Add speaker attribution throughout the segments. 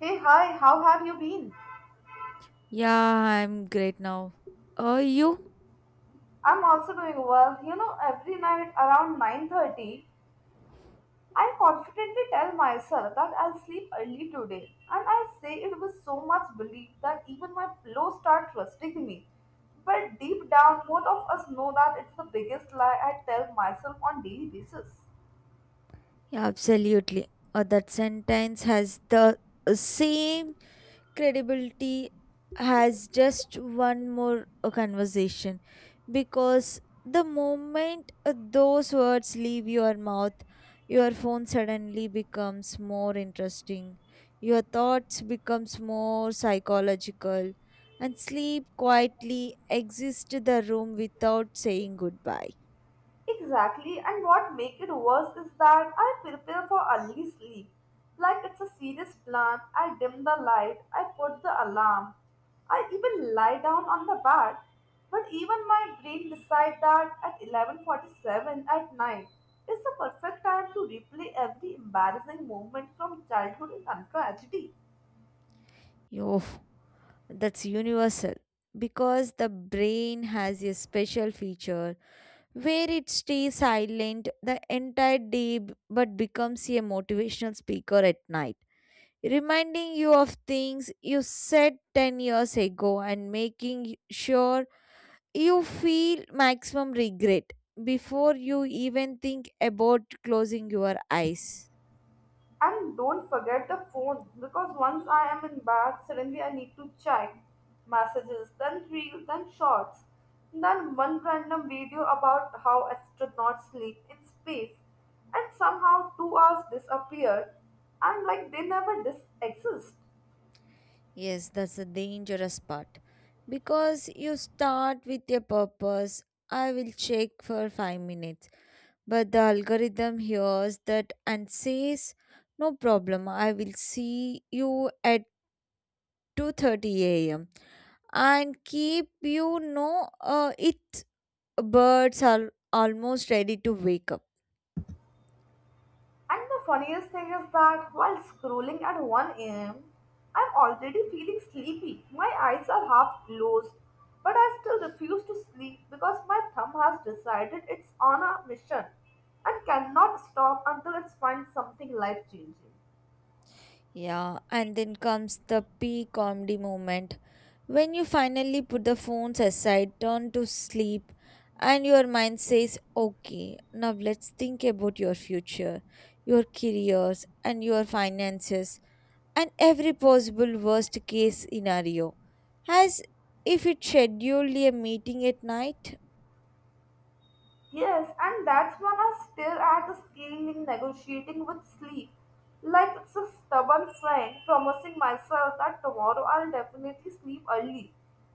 Speaker 1: Hey, hi, how have you been?
Speaker 2: Yeah, I'm great now. Are you?
Speaker 1: I'm also doing well. You know, every night around 9:30, I confidently tell myself that I'll sleep early today, and I say it with so much belief that even my pillow start trusting me. But deep down, both of us know that it's the biggest lie I tell myself on daily basis.
Speaker 2: Yeah, absolutely. That sentence has the same credibility as just one more conversation because the moment those words leave your mouth, your phone suddenly becomes more interesting. Your thoughts becomes more psychological and sleep quietly exits the room without saying goodbye.
Speaker 1: Exactly, and what make it worse is that I prepare for early sleep. Like it's a serious plan, I dim the light, I put the alarm, I even lie down on the bed. But even my brain decides that at 11:47 at night is the perfect time to replay every embarrassing moment from childhood and tragedy.
Speaker 2: Yo, that's universal because the brain has a special feature where it stays silent the entire day but becomes a motivational speaker at night, reminding you of things you said 10 years ago and making sure you feel maximum regret before you even think about closing your eyes.
Speaker 1: And don't forget the phone because once I am in bed, suddenly I need to check messages, then reels, then shorts, then one random video about how astronauts sleep in space, and somehow 2 hours disappear, and like they never exist.
Speaker 2: Yes, that's the dangerous part. Because you start with a purpose, I will check for 5 minutes. But the algorithm hears that and says, no problem, I will see you at 2:30 a.m. and keep it birds are almost ready to wake up.
Speaker 1: And the funniest thing is that while scrolling at 1 a.m., I'm already feeling sleepy. My eyes are half closed, but I still refuse to sleep because my thumb has decided it's on a mission and cannot stop until it finds something life changing.
Speaker 2: Yeah, and then comes the peak comedy moment when you finally put the phones aside, turn to sleep, and your mind says, Okay, now let's think about your future, your careers, and your finances, and every possible worst case scenario. As if it scheduled a meeting at night.
Speaker 1: Yes, and that's when I stare at the ceiling negotiating with sleep. Like it's a stubborn friend promising myself that tomorrow I'll definitely sleep early,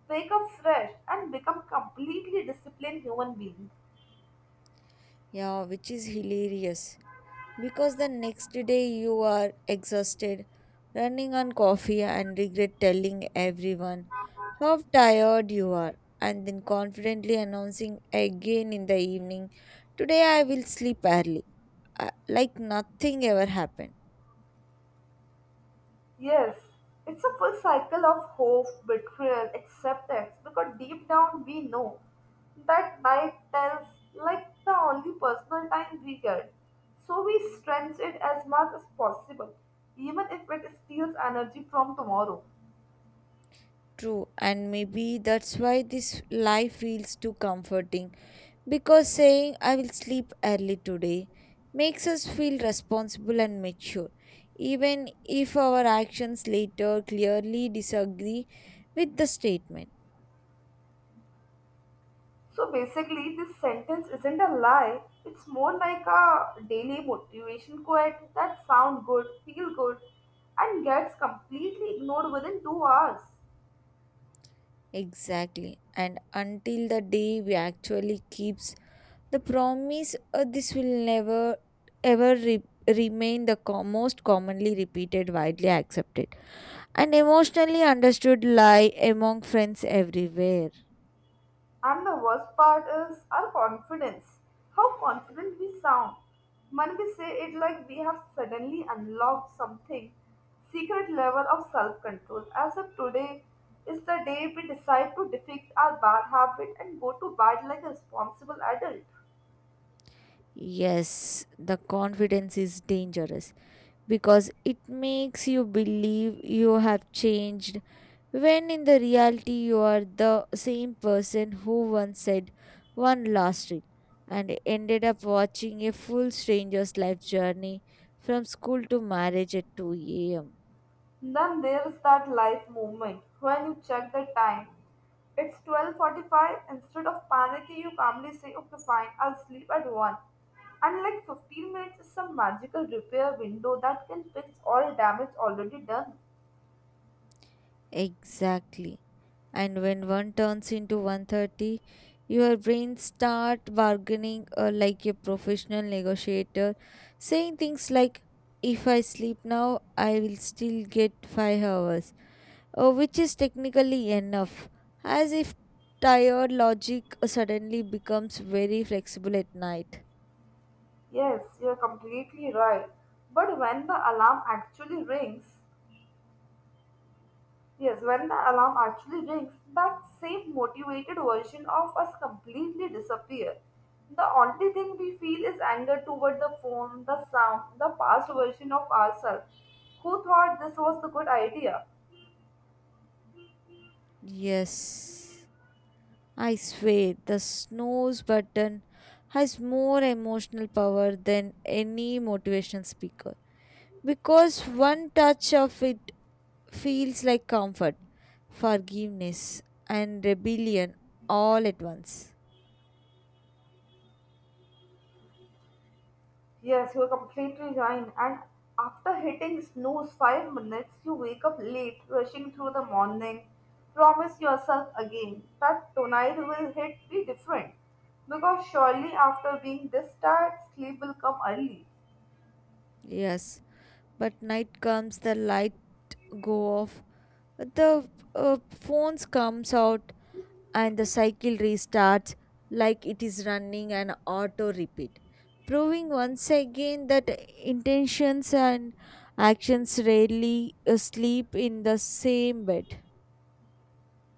Speaker 1: wake up fresh, and become completely disciplined human being.
Speaker 2: Yeah, which is hilarious. Because the next day you are exhausted, running on coffee, and regret telling everyone how tired you are, and then confidently announcing again in the evening, Today I will sleep early, like nothing ever happened.
Speaker 1: Yes, it's a full cycle of hope, betrayal, acceptance because deep down we know that night tells like the only personal time we get. So we stretch it as much as possible, even if it steals energy from tomorrow.
Speaker 2: True, and maybe that's why this life feels too comforting because saying I will sleep early today makes us feel responsible and mature, even if our actions later clearly disagree with the statement.
Speaker 1: So basically, this sentence isn't a lie, it's more like a daily motivation quote that sound good, feel good, and gets completely ignored within 2 hours.
Speaker 2: Exactly, and until the day we actually keeps the promise, this will never ever remain the most commonly repeated, widely accepted, and emotionally understood lie among friends everywhere.
Speaker 1: And the worst part is our confidence. How confident we sound when we say it like we have suddenly unlocked something, secret level of self control, as if today is the day we decide to defeat our bad habit and go to bed like a responsible adult.
Speaker 2: Yes, the confidence is dangerous because it makes you believe you have changed when in the reality you are the same person who once said one last week and ended up watching a full stranger's life journey from school to marriage at 2 a.m.
Speaker 1: Then there's that life movement. When you check the time, it's 12:45. Instead of panicking, you calmly say, "Okay, fine, I'll sleep at 1." And like 15 minutes is some magical repair window that can fix all damage already done.
Speaker 2: Exactly. And when one turns into 130, your brain start bargaining like a professional negotiator, saying things like, if I sleep now, I will still get 5 hours, which is technically enough, as if tired logic suddenly becomes very flexible at night.
Speaker 1: Yes, you're completely right. But when the alarm actually rings, yes, when the alarm actually rings, that same motivated version of us completely disappear. The only thing we feel is anger toward the phone, the sound, the past version of ourselves. Who thought this was the good idea?
Speaker 2: Yes. I swear, the snooze button has more emotional power than any motivational speaker because one touch of it feels like comfort, forgiveness, and rebellion all at once.
Speaker 1: Yes, you're completely right. And after hitting snooze 5 minutes, you wake up late, rushing through the morning. Promise yourself again that tonight will hit be different. Because surely after being this tired, sleep will come early.
Speaker 2: Yes, but night comes, the light go off, the phones comes out, and the cycle restarts like it is running an auto repeat, proving once again that intentions and actions rarely sleep in the same bed.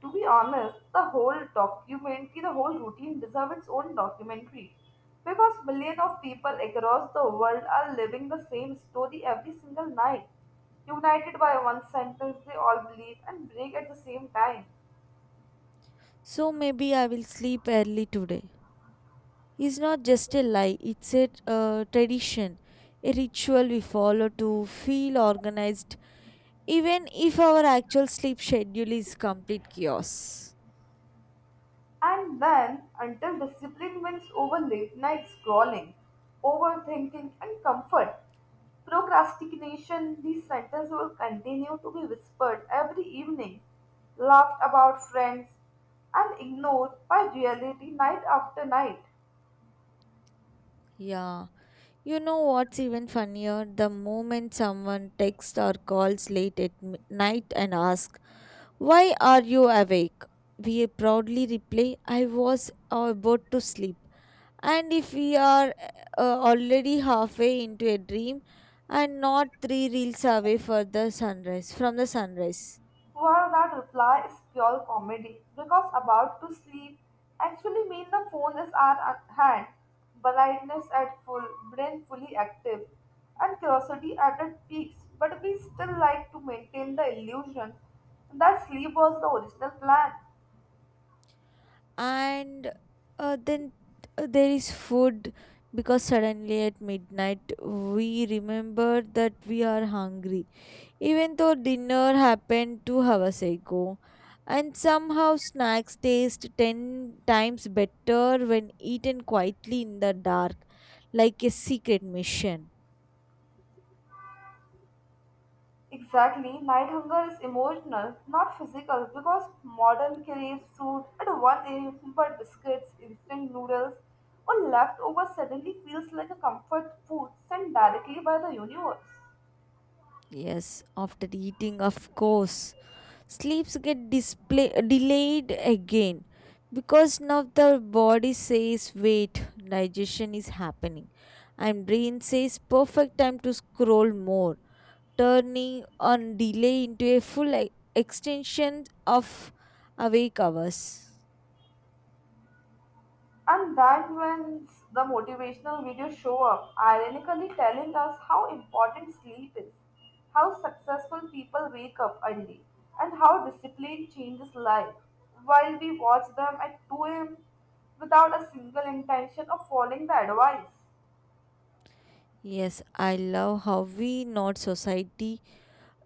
Speaker 1: To be honest, the whole documentary, the whole routine deserves its own documentary because millions of people across the world are living the same story every single night. United by one sentence, they all believe and break at the same time.
Speaker 2: So maybe I will sleep early today. It's not just a lie, it's a tradition, a ritual we follow to feel organized, even if our actual sleep schedule is complete chaos.
Speaker 1: And then, until discipline wins over late night scrolling, overthinking, and comfort, procrastination, these sentences will continue to be whispered every evening, laughed about friends, and ignored by reality night after night.
Speaker 2: Yeah. You know what's even funnier? The moment someone texts or calls late at night and asks, Why are you awake? We proudly reply, I was about to sleep. And if we are already halfway into a dream and not three reels away from the sunrise.
Speaker 1: Well, that reply is pure comedy because about to sleep actually mean the phone is at hand, blindness at full, brain fully active, and curiosity at its peaks. But we still like to maintain the illusion that sleep was the original plan.
Speaker 2: And then there is food because suddenly at midnight we remember that we are hungry even though dinner happened 2 hours ago. And somehow snacks taste ten times better when eaten quietly in the dark, like a secret mission.
Speaker 1: Exactly, night hunger is emotional, not physical, because modern craves food at 1 a.m. but biscuits, instant noodles, or leftover suddenly feels like a comfort food sent directly by the universe.
Speaker 2: Yes, after eating, of course, sleeps get delayed again because now the body says, Wait, digestion is happening, and brain says, Perfect time to scroll more, turning on delay into a full extension of awake hours.
Speaker 1: And that when the motivational videos show up, ironically telling us how important sleep is, how successful people wake up early, and how discipline changes life, while we watch them at 2 a.m. without a single intention of following the advice.
Speaker 2: Yes, I love how we not society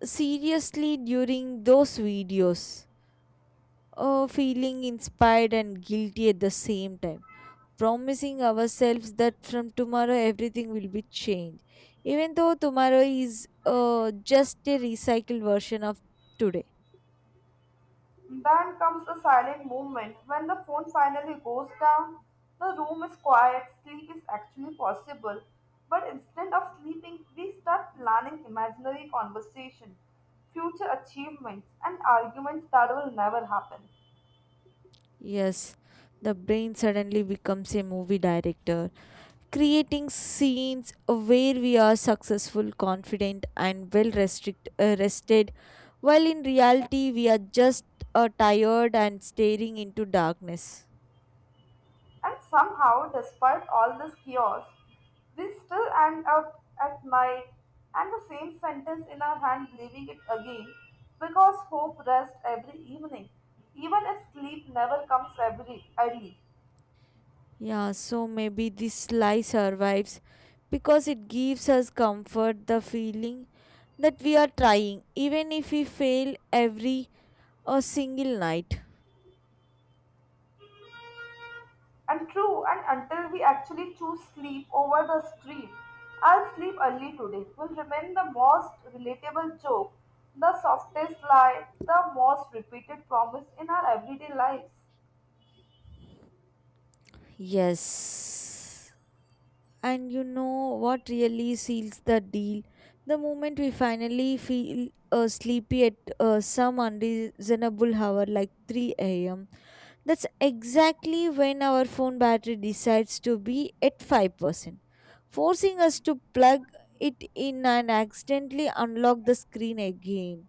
Speaker 2: seriously during those videos. Oh, feeling inspired and guilty at the same time. Promising ourselves that from tomorrow everything will be changed. Even though tomorrow is just a recycled version of today.
Speaker 1: Then comes the silent moment. When the phone finally goes down, the room is quiet, sleep is actually possible. But instead of sleeping, we start planning imaginary conversation, future achievements, and arguments that will never happen.
Speaker 2: Yes, the brain suddenly becomes a movie director, creating scenes where we are successful, confident, and well rested, while in reality, we are just tired and staring into darkness.
Speaker 1: And somehow, despite all this chaos, we still end up at night and the same sentence in our hand, leaving it again because hope rests every evening, even if sleep never comes every early.
Speaker 2: Yeah, so maybe this lie survives because it gives us comfort, the feeling that we are trying, even if we fail every a single night.
Speaker 1: And true, and until we actually choose sleep over the street, I'll sleep early today will remain the most relatable joke, the softest lie, the most repeated promise in our everyday lives.
Speaker 2: Yes. And you know what really seals the deal? The moment we finally feel sleepy at some unreasonable hour like 3 a.m., that's exactly when our phone battery decides to be at 5%, forcing us to plug it in and accidentally unlock the screen again.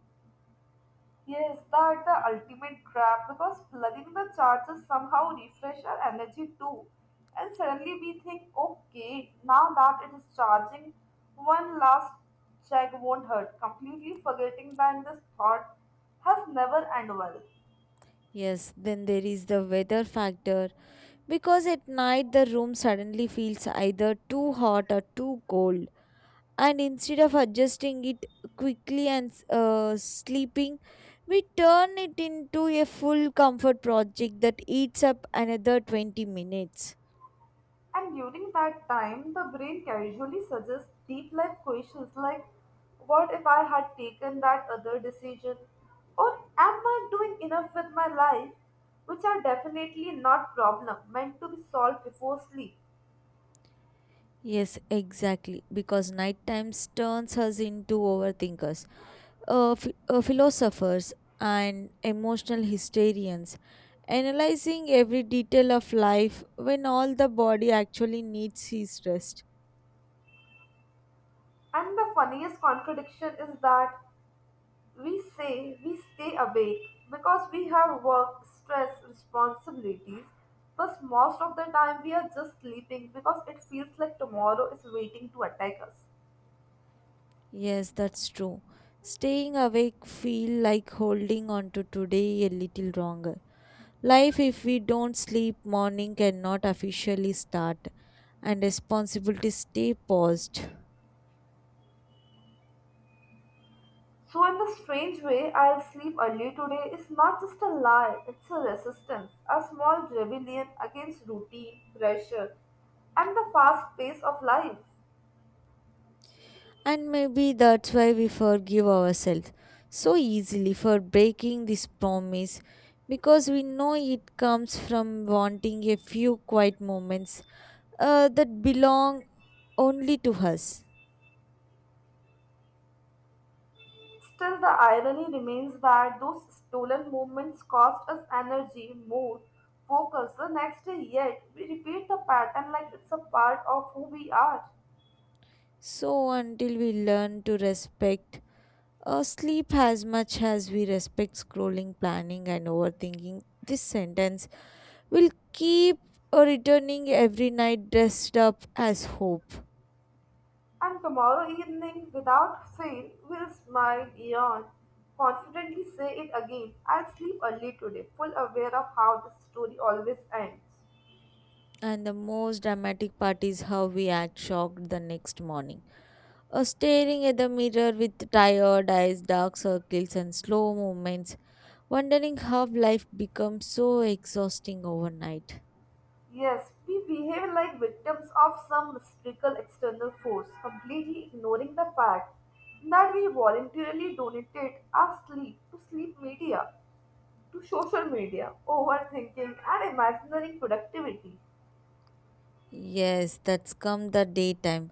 Speaker 1: Yes, that's the ultimate trap because plugging the charger somehow refresh our energy too. And suddenly we think, okay, now that it is charging, one last check won't hurt, completely forgetting that this thought has never end well.
Speaker 2: Yes, then there is the weather factor because at night the room suddenly feels either too hot or too cold, and instead of adjusting it quickly and sleeping, we turn it into a full comfort project that eats up another 20 minutes.
Speaker 1: And during that time, the brain casually suggests deep life questions like, what if I had taken that other decision? Or am I doing enough with my life? Which are definitely not problem meant to be solved before sleep.
Speaker 2: Yes, exactly, because night times turns us into overthinkers, philosophers, and emotional hysterians, analyzing every detail of life when all the body actually needs is rest.
Speaker 1: And the funniest contradiction is that we say we stay awake because we have work, stress, responsibilities, but most of the time we are just sleeping because it feels like tomorrow is waiting to attack us.
Speaker 2: Yes, that's true. Staying awake feel like holding on to today a little longer. Life if we don't sleep morning cannot officially start and responsibilities stay paused.
Speaker 1: So, in the strange way, I'll sleep early today is not just a lie, it's a resistance, a small rebellion against routine, pressure, and the fast pace of life.
Speaker 2: And maybe that's why we forgive ourselves so easily for breaking this promise because we know it comes from wanting a few quiet moments that belong only to us.
Speaker 1: Still, the irony remains that those stolen moments cost us energy, mood, focus the next day, yet we repeat the pattern like it's a part of who we are.
Speaker 2: So until we learn to respect sleep as much as we respect scrolling, planning, and overthinking. This sentence will keep returning every night dressed up as hope.
Speaker 1: And tomorrow evening, without fail, will smile, yawn, confidently say it again. I'll sleep early today, full aware of how this story always ends.
Speaker 2: And the most dramatic part is how we act shocked the next morning. Staring at the mirror with tired eyes, dark circles, and slow movements, wondering how life becomes so exhausting overnight.
Speaker 1: Yes, we behave like victims of some mystical external force, completely ignoring the fact that we voluntarily donated our sleep to sleep media, to social media, overthinking, and imaginary productivity.
Speaker 2: Yes, that's come the daytime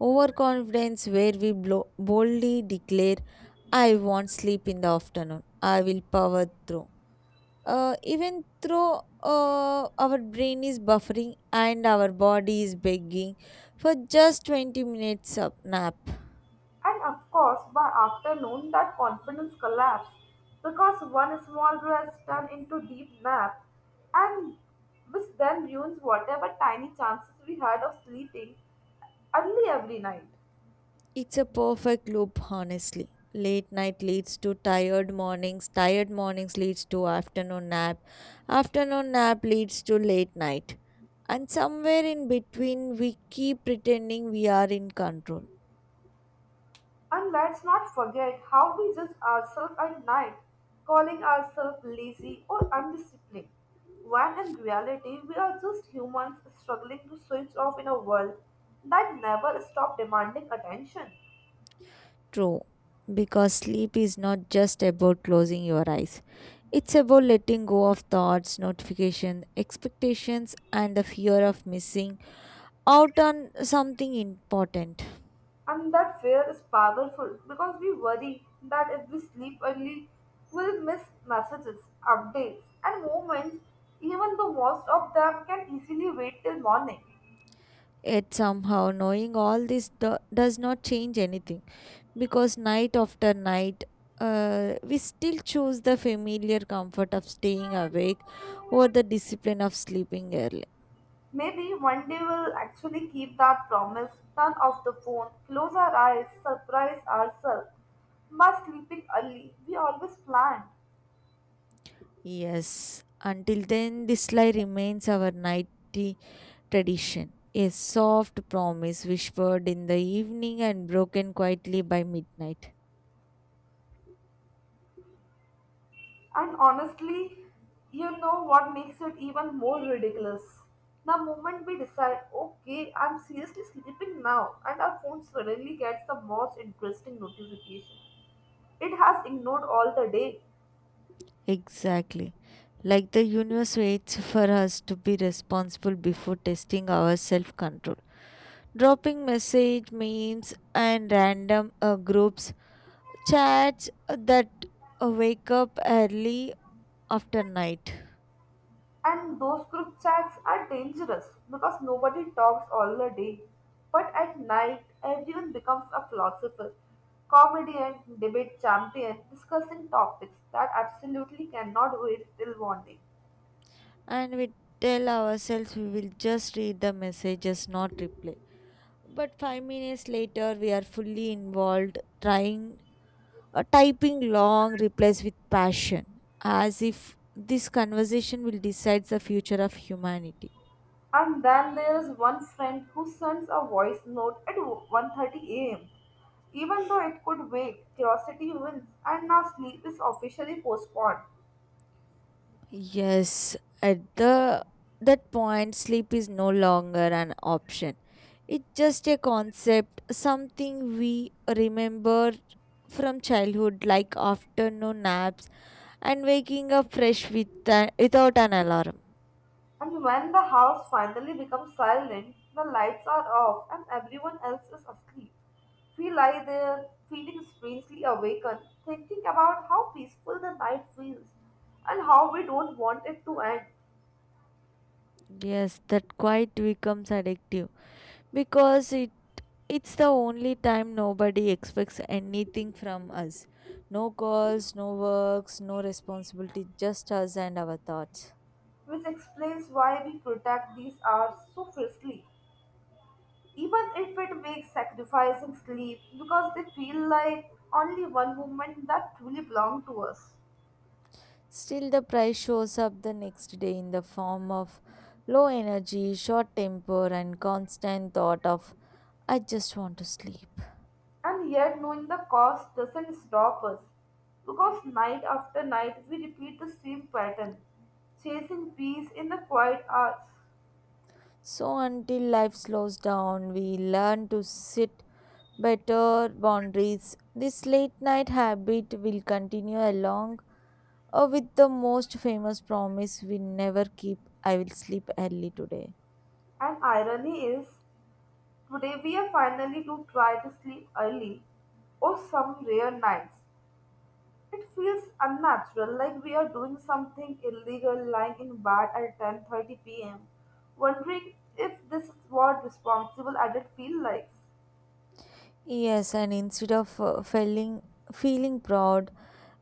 Speaker 2: overconfidence, where we boldly declare, I won't sleep in the afternoon, I will power through. Even though our brain is buffering and our body is begging for just 20 minutes of nap.
Speaker 1: And of course, by afternoon, that confidence collapsed because one small rest turned into deep nap, and which then ruins whatever tiny chances we had of sleeping early every night.
Speaker 2: It's a perfect loop, honestly. Late night leads to tired mornings leads to afternoon nap leads to late night. And somewhere in between, we keep pretending we are in control.
Speaker 1: And let's not forget how we judge ourselves at night, calling ourselves lazy or undisciplined, when in reality we are just humans struggling to switch off in a world that never stops demanding attention.
Speaker 2: True. Because sleep is not just about closing your eyes, it's about letting go of thoughts, notifications, expectations, and the fear of missing out on something important.
Speaker 1: And that fear is powerful because we worry that if we sleep early, we'll miss messages, updates, and moments. Even the worst of them can easily wait till morning.
Speaker 2: Yet somehow, knowing all this does not change anything because night after night, we still choose the familiar comfort of staying awake over the discipline of sleeping early.
Speaker 1: Maybe one day we'll actually keep that promise, turn off the phone, close our eyes, surprise ourselves by sleeping early. We always plan.
Speaker 2: Yes, until then, this lie remains our nightly tradition, a soft promise whispered in the evening and broken quietly by midnight.
Speaker 1: And honestly, you know what makes it even more ridiculous? The moment we decide, okay, I'm seriously sleeping now, and our phone suddenly gets the most interesting notification. It has ignored all the day,
Speaker 2: Exactly. Like the universe waits for us to be responsible before testing our self control. Dropping message memes and random groups chats that wake up early after night.
Speaker 1: and those group chats are dangerous because nobody talks all the day. But at night, everyone becomes a philosopher, comedian, debate champion, discussing topics that absolutely cannot wait till morning.
Speaker 2: And we tell ourselves we will just read the messages, not reply, but 5 minutes later we are fully involved trying, typing long replies with passion, as if this conversation will decide the future of humanity.
Speaker 1: And then there is one friend who sends a voice note at 1:30 a.m. Even though it could wake, curiosity wins, and now sleep is officially postponed.
Speaker 2: Yes, at the that point, sleep is no longer an option. It's just a concept, something we remember from childhood, like afternoon naps and waking up fresh without an alarm.
Speaker 1: And when the house finally becomes silent, the lights are off and everyone else is asleep. We lie there, feeling strangely awakened, thinking about how peaceful the night feels and how we don't want it to end,
Speaker 2: Yes, that quite becomes addictive because it's the only time nobody expects anything from us. No calls, no works, no responsibility, just us and our thoughts.
Speaker 1: which explains why we protect these hours so fiercely, even if it makes sacrificing sleep because they feel like only one moment that truly belong to us.
Speaker 2: Still, the price shows up the next day in the form of low energy, short temper, and constant thought of, I just want to sleep.
Speaker 1: And yet knowing the cost doesn't stop us because night after night we repeat the same pattern chasing peace in the quiet hours.
Speaker 2: So, until life slows down, we learn to sit better boundaries. This late night habit will continue along with the most famous promise we never keep, I will sleep early today.
Speaker 1: And irony is today we are finally to try to sleep early or some rare nights. It feels unnatural, like we are doing something illegal, lying in bed at 10:30 p.m., wondering if this is what responsible adult feel like.
Speaker 2: Yes, and instead of feeling proud,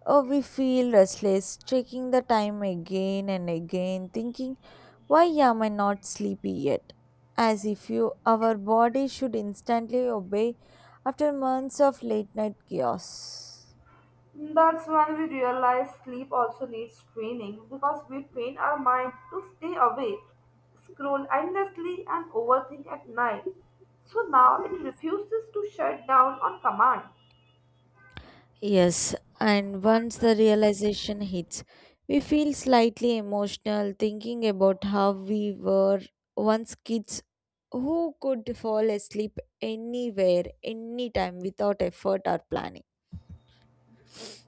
Speaker 2: oh, we feel restless, checking the time again and again, thinking, why am I not sleepy yet? As if you, our body should instantly obey after months of late night chaos.
Speaker 1: That's when we realize sleep also needs training because we train our mind to stay awake, scroll endlessly, and overthink at night. So now it refuses to shut down on command.
Speaker 2: Yes, and once the realization hits, we feel slightly emotional thinking about how we were once kids who could fall asleep anywhere, anytime without effort or planning.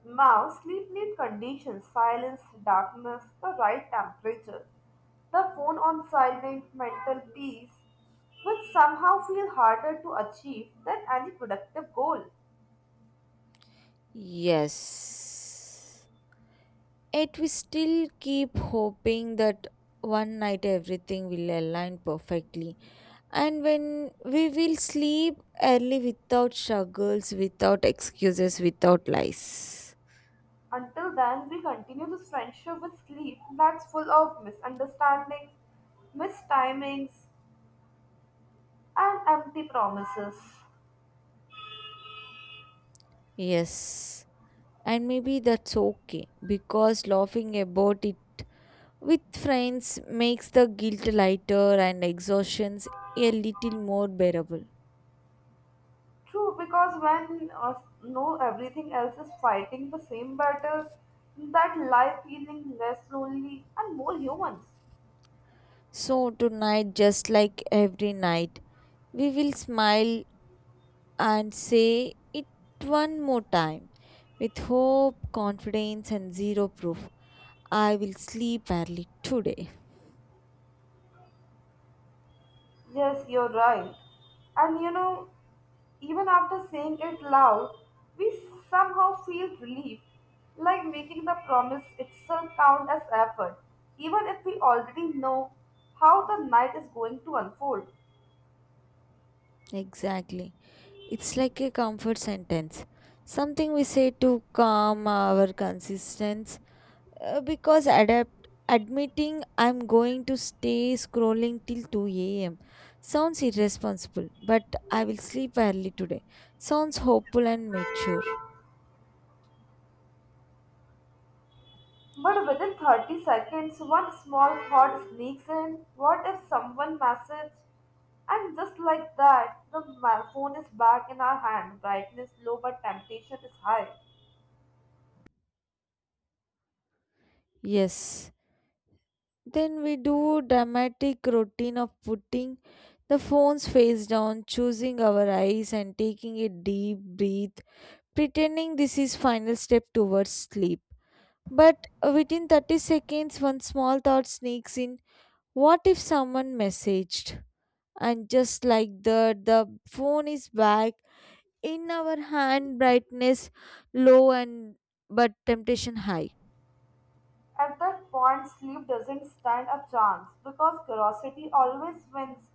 Speaker 1: Now, sleep need conditions, silence, darkness, the right temperature, the phone on silent, mental peace, which somehow feel harder to achieve than any productive goal.
Speaker 2: Yes. Yet we still keep hoping that one night everything will align perfectly. And when we will sleep early without struggles, without excuses, without lies.
Speaker 1: Until then, we continue this friendship with sleep that's full of misunderstandings, mistimings, and empty promises.
Speaker 2: Yes. And maybe that's okay because laughing about it with friends makes the guilt lighter and exhaustions a little more bearable.
Speaker 1: True, because when no everything else is fighting the same battle, that life feeling less lonely and more humans.
Speaker 2: So tonight, just like every night, we will smile and say it one more time with hope, confidence, and zero proof. I will sleep early today.
Speaker 1: Yes, you're right. And you know, even after saying it loud, we somehow feel relief, like making the promise itself count as effort, even if we already know how the night is going to unfold.
Speaker 2: Exactly. It's like a comfort sentence. Something we say to calm our consistence. Because adapt admitting I'm going to stay scrolling till 2 a.m. sounds irresponsible, but I will sleep early today. Sounds hopeful and mature.
Speaker 1: But within 30 seconds, one small thought sneaks in. What if someone message? And just like that, the phone is back in our hand. Brightness low, but temptation is high.
Speaker 2: Yes. Then we do dramatic routine of putting the phone's face down, choosing our eyes and taking a deep breath, pretending this is final step towards sleep. But within 30 seconds, one small thought sneaks in: what if someone messaged? And just like that, the phone is back in our hand, brightness low and but temptation high.
Speaker 1: At that point, sleep doesn't stand a chance because curiosity always wins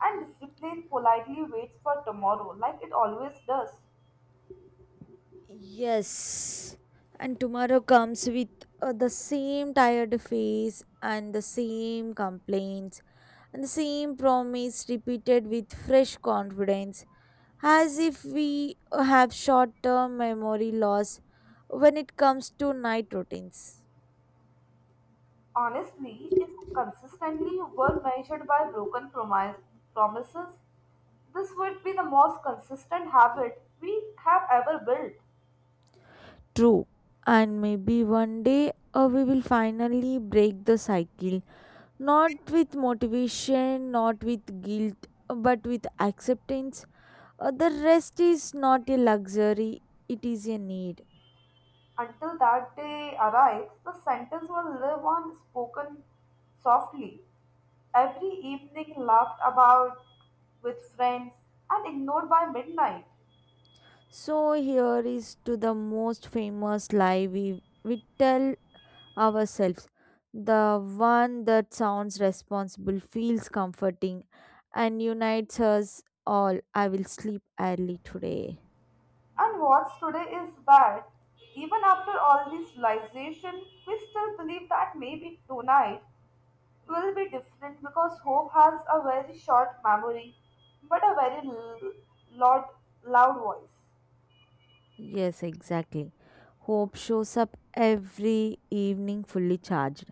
Speaker 1: and discipline politely waits for tomorrow, like it always does.
Speaker 2: Yes. And tomorrow comes with the same tired face and the same complaints and the same promise repeated with fresh confidence as if we have short term memory loss when it comes to night routines.
Speaker 1: Honestly, if consistently were measured by broken promises, this would be the most consistent habit we have ever built.
Speaker 2: True. And maybe one day we will finally break the cycle. Not with motivation, not with guilt, but with acceptance. The rest is not a luxury, it is a need.
Speaker 1: Until that day arrives, the sentence will live on spoken softly, every evening laughed about with friends and ignored by midnight.
Speaker 2: So here is to the most famous lie we tell ourselves. The one that sounds responsible, feels comforting, and unites us all. I will sleep early today.
Speaker 1: And what's today is that even after all this realization, we still believe that maybe tonight will be different because hope has a very short memory but a very loud, loud voice.
Speaker 2: Yes, exactly. Hope shows up every evening fully charged,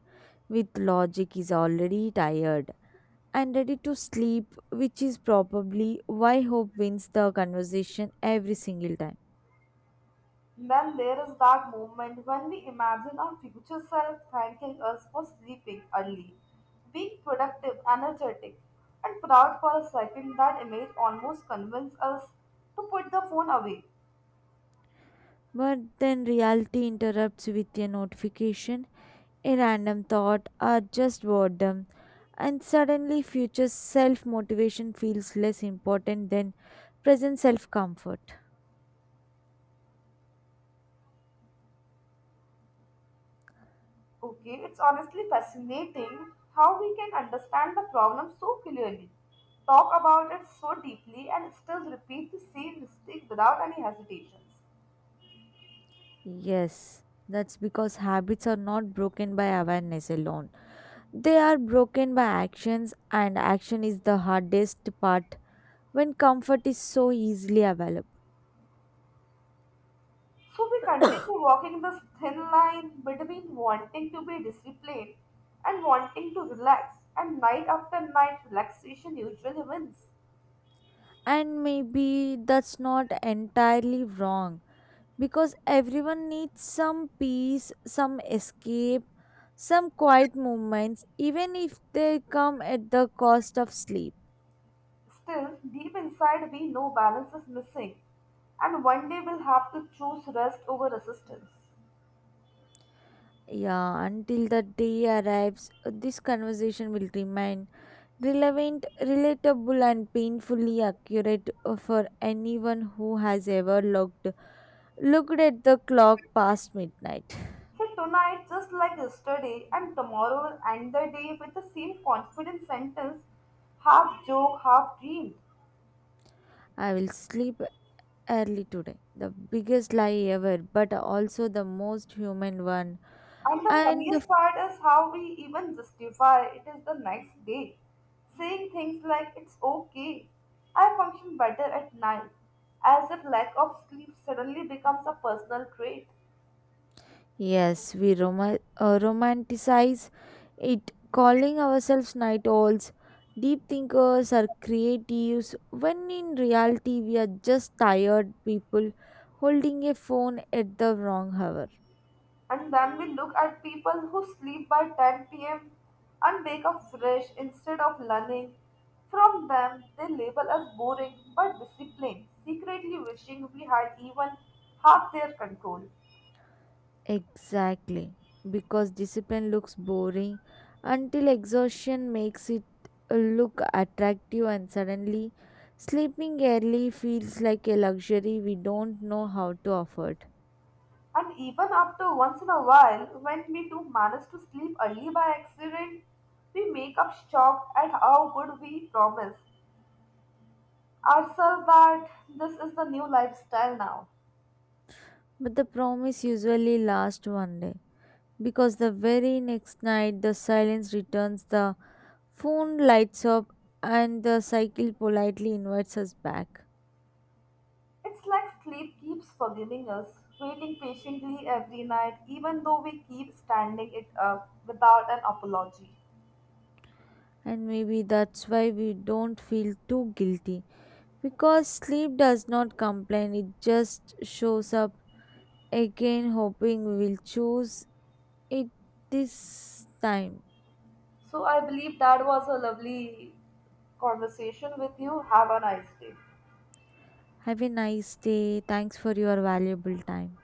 Speaker 2: with logic is already tired and ready to sleep, which is probably why hope wins the conversation every single time.
Speaker 1: Then there is that moment when we imagine our future self thanking us for sleeping early, being productive, energetic, and proud for a second. That image almost convinces us to put the phone away.
Speaker 2: But then reality interrupts with a notification, a random thought, or just boredom, and suddenly future self motivation feels less important than present self comfort.
Speaker 1: Okay, it's honestly fascinating how we can understand the problem so clearly, talk about it so deeply, and still repeat the same mistake without any hesitations.
Speaker 2: Yes, that's because habits are not broken by awareness alone. They are broken by actions, and action is the hardest part when comfort is so easily available.
Speaker 1: So we continue walking this thin line between wanting to be disciplined and wanting to relax, and night after night, relaxation usually wins.
Speaker 2: And maybe that's not entirely wrong because everyone needs some peace, some escape, some quiet moments, even if they come at the cost of sleep.
Speaker 1: Still, deep inside, we know balance is missing, and one day we'll have to choose rest over resistance.
Speaker 2: Yeah, until the day arrives, this conversation will remain relevant, relatable, and painfully accurate for anyone who has ever looked at the clock past midnight.
Speaker 1: So tonight just like yesterday, and tomorrow will end the day with the same confident sentence, half joke, half dream.
Speaker 2: I will sleep early today. The biggest lie ever, but also the most human one,
Speaker 1: And the
Speaker 2: and the
Speaker 1: funniest part is how we even justify it is the next day, saying things like it's okay, I function better at night, as if lack of sleep suddenly becomes a personal trait.
Speaker 2: yes, we romanticize it, calling ourselves night owls, deep thinkers, or creatives, when in reality we are just tired people holding a phone at the wrong hour.
Speaker 1: And then we look at people who sleep by 10 p.m. and wake up fresh instead of learning. From them, they label us boring but disciplined, secretly wishing we had even half their control.
Speaker 2: Exactly, because discipline looks boring until exhaustion makes it look attractive, and suddenly sleeping early feels like a luxury we don't know how to afford.
Speaker 1: And even after once in a while, when we do manage to sleep early by accident, we make up shocked at how good we promise ourselves that this is the new lifestyle now.
Speaker 2: But the promise usually lasts one day because the very next night the silence returns, the phone lights up, and the cycle politely invites us back.
Speaker 1: It's like sleep keeps forgiving us, waiting patiently every night, even though we keep standing it up without an apology.
Speaker 2: And maybe that's why we don't feel too guilty because sleep does not complain, it just shows up again, hoping we will choose it this time.
Speaker 1: So I believe that was a lovely conversation with you. Have a nice day.
Speaker 2: Have a nice day. Thanks for your valuable time.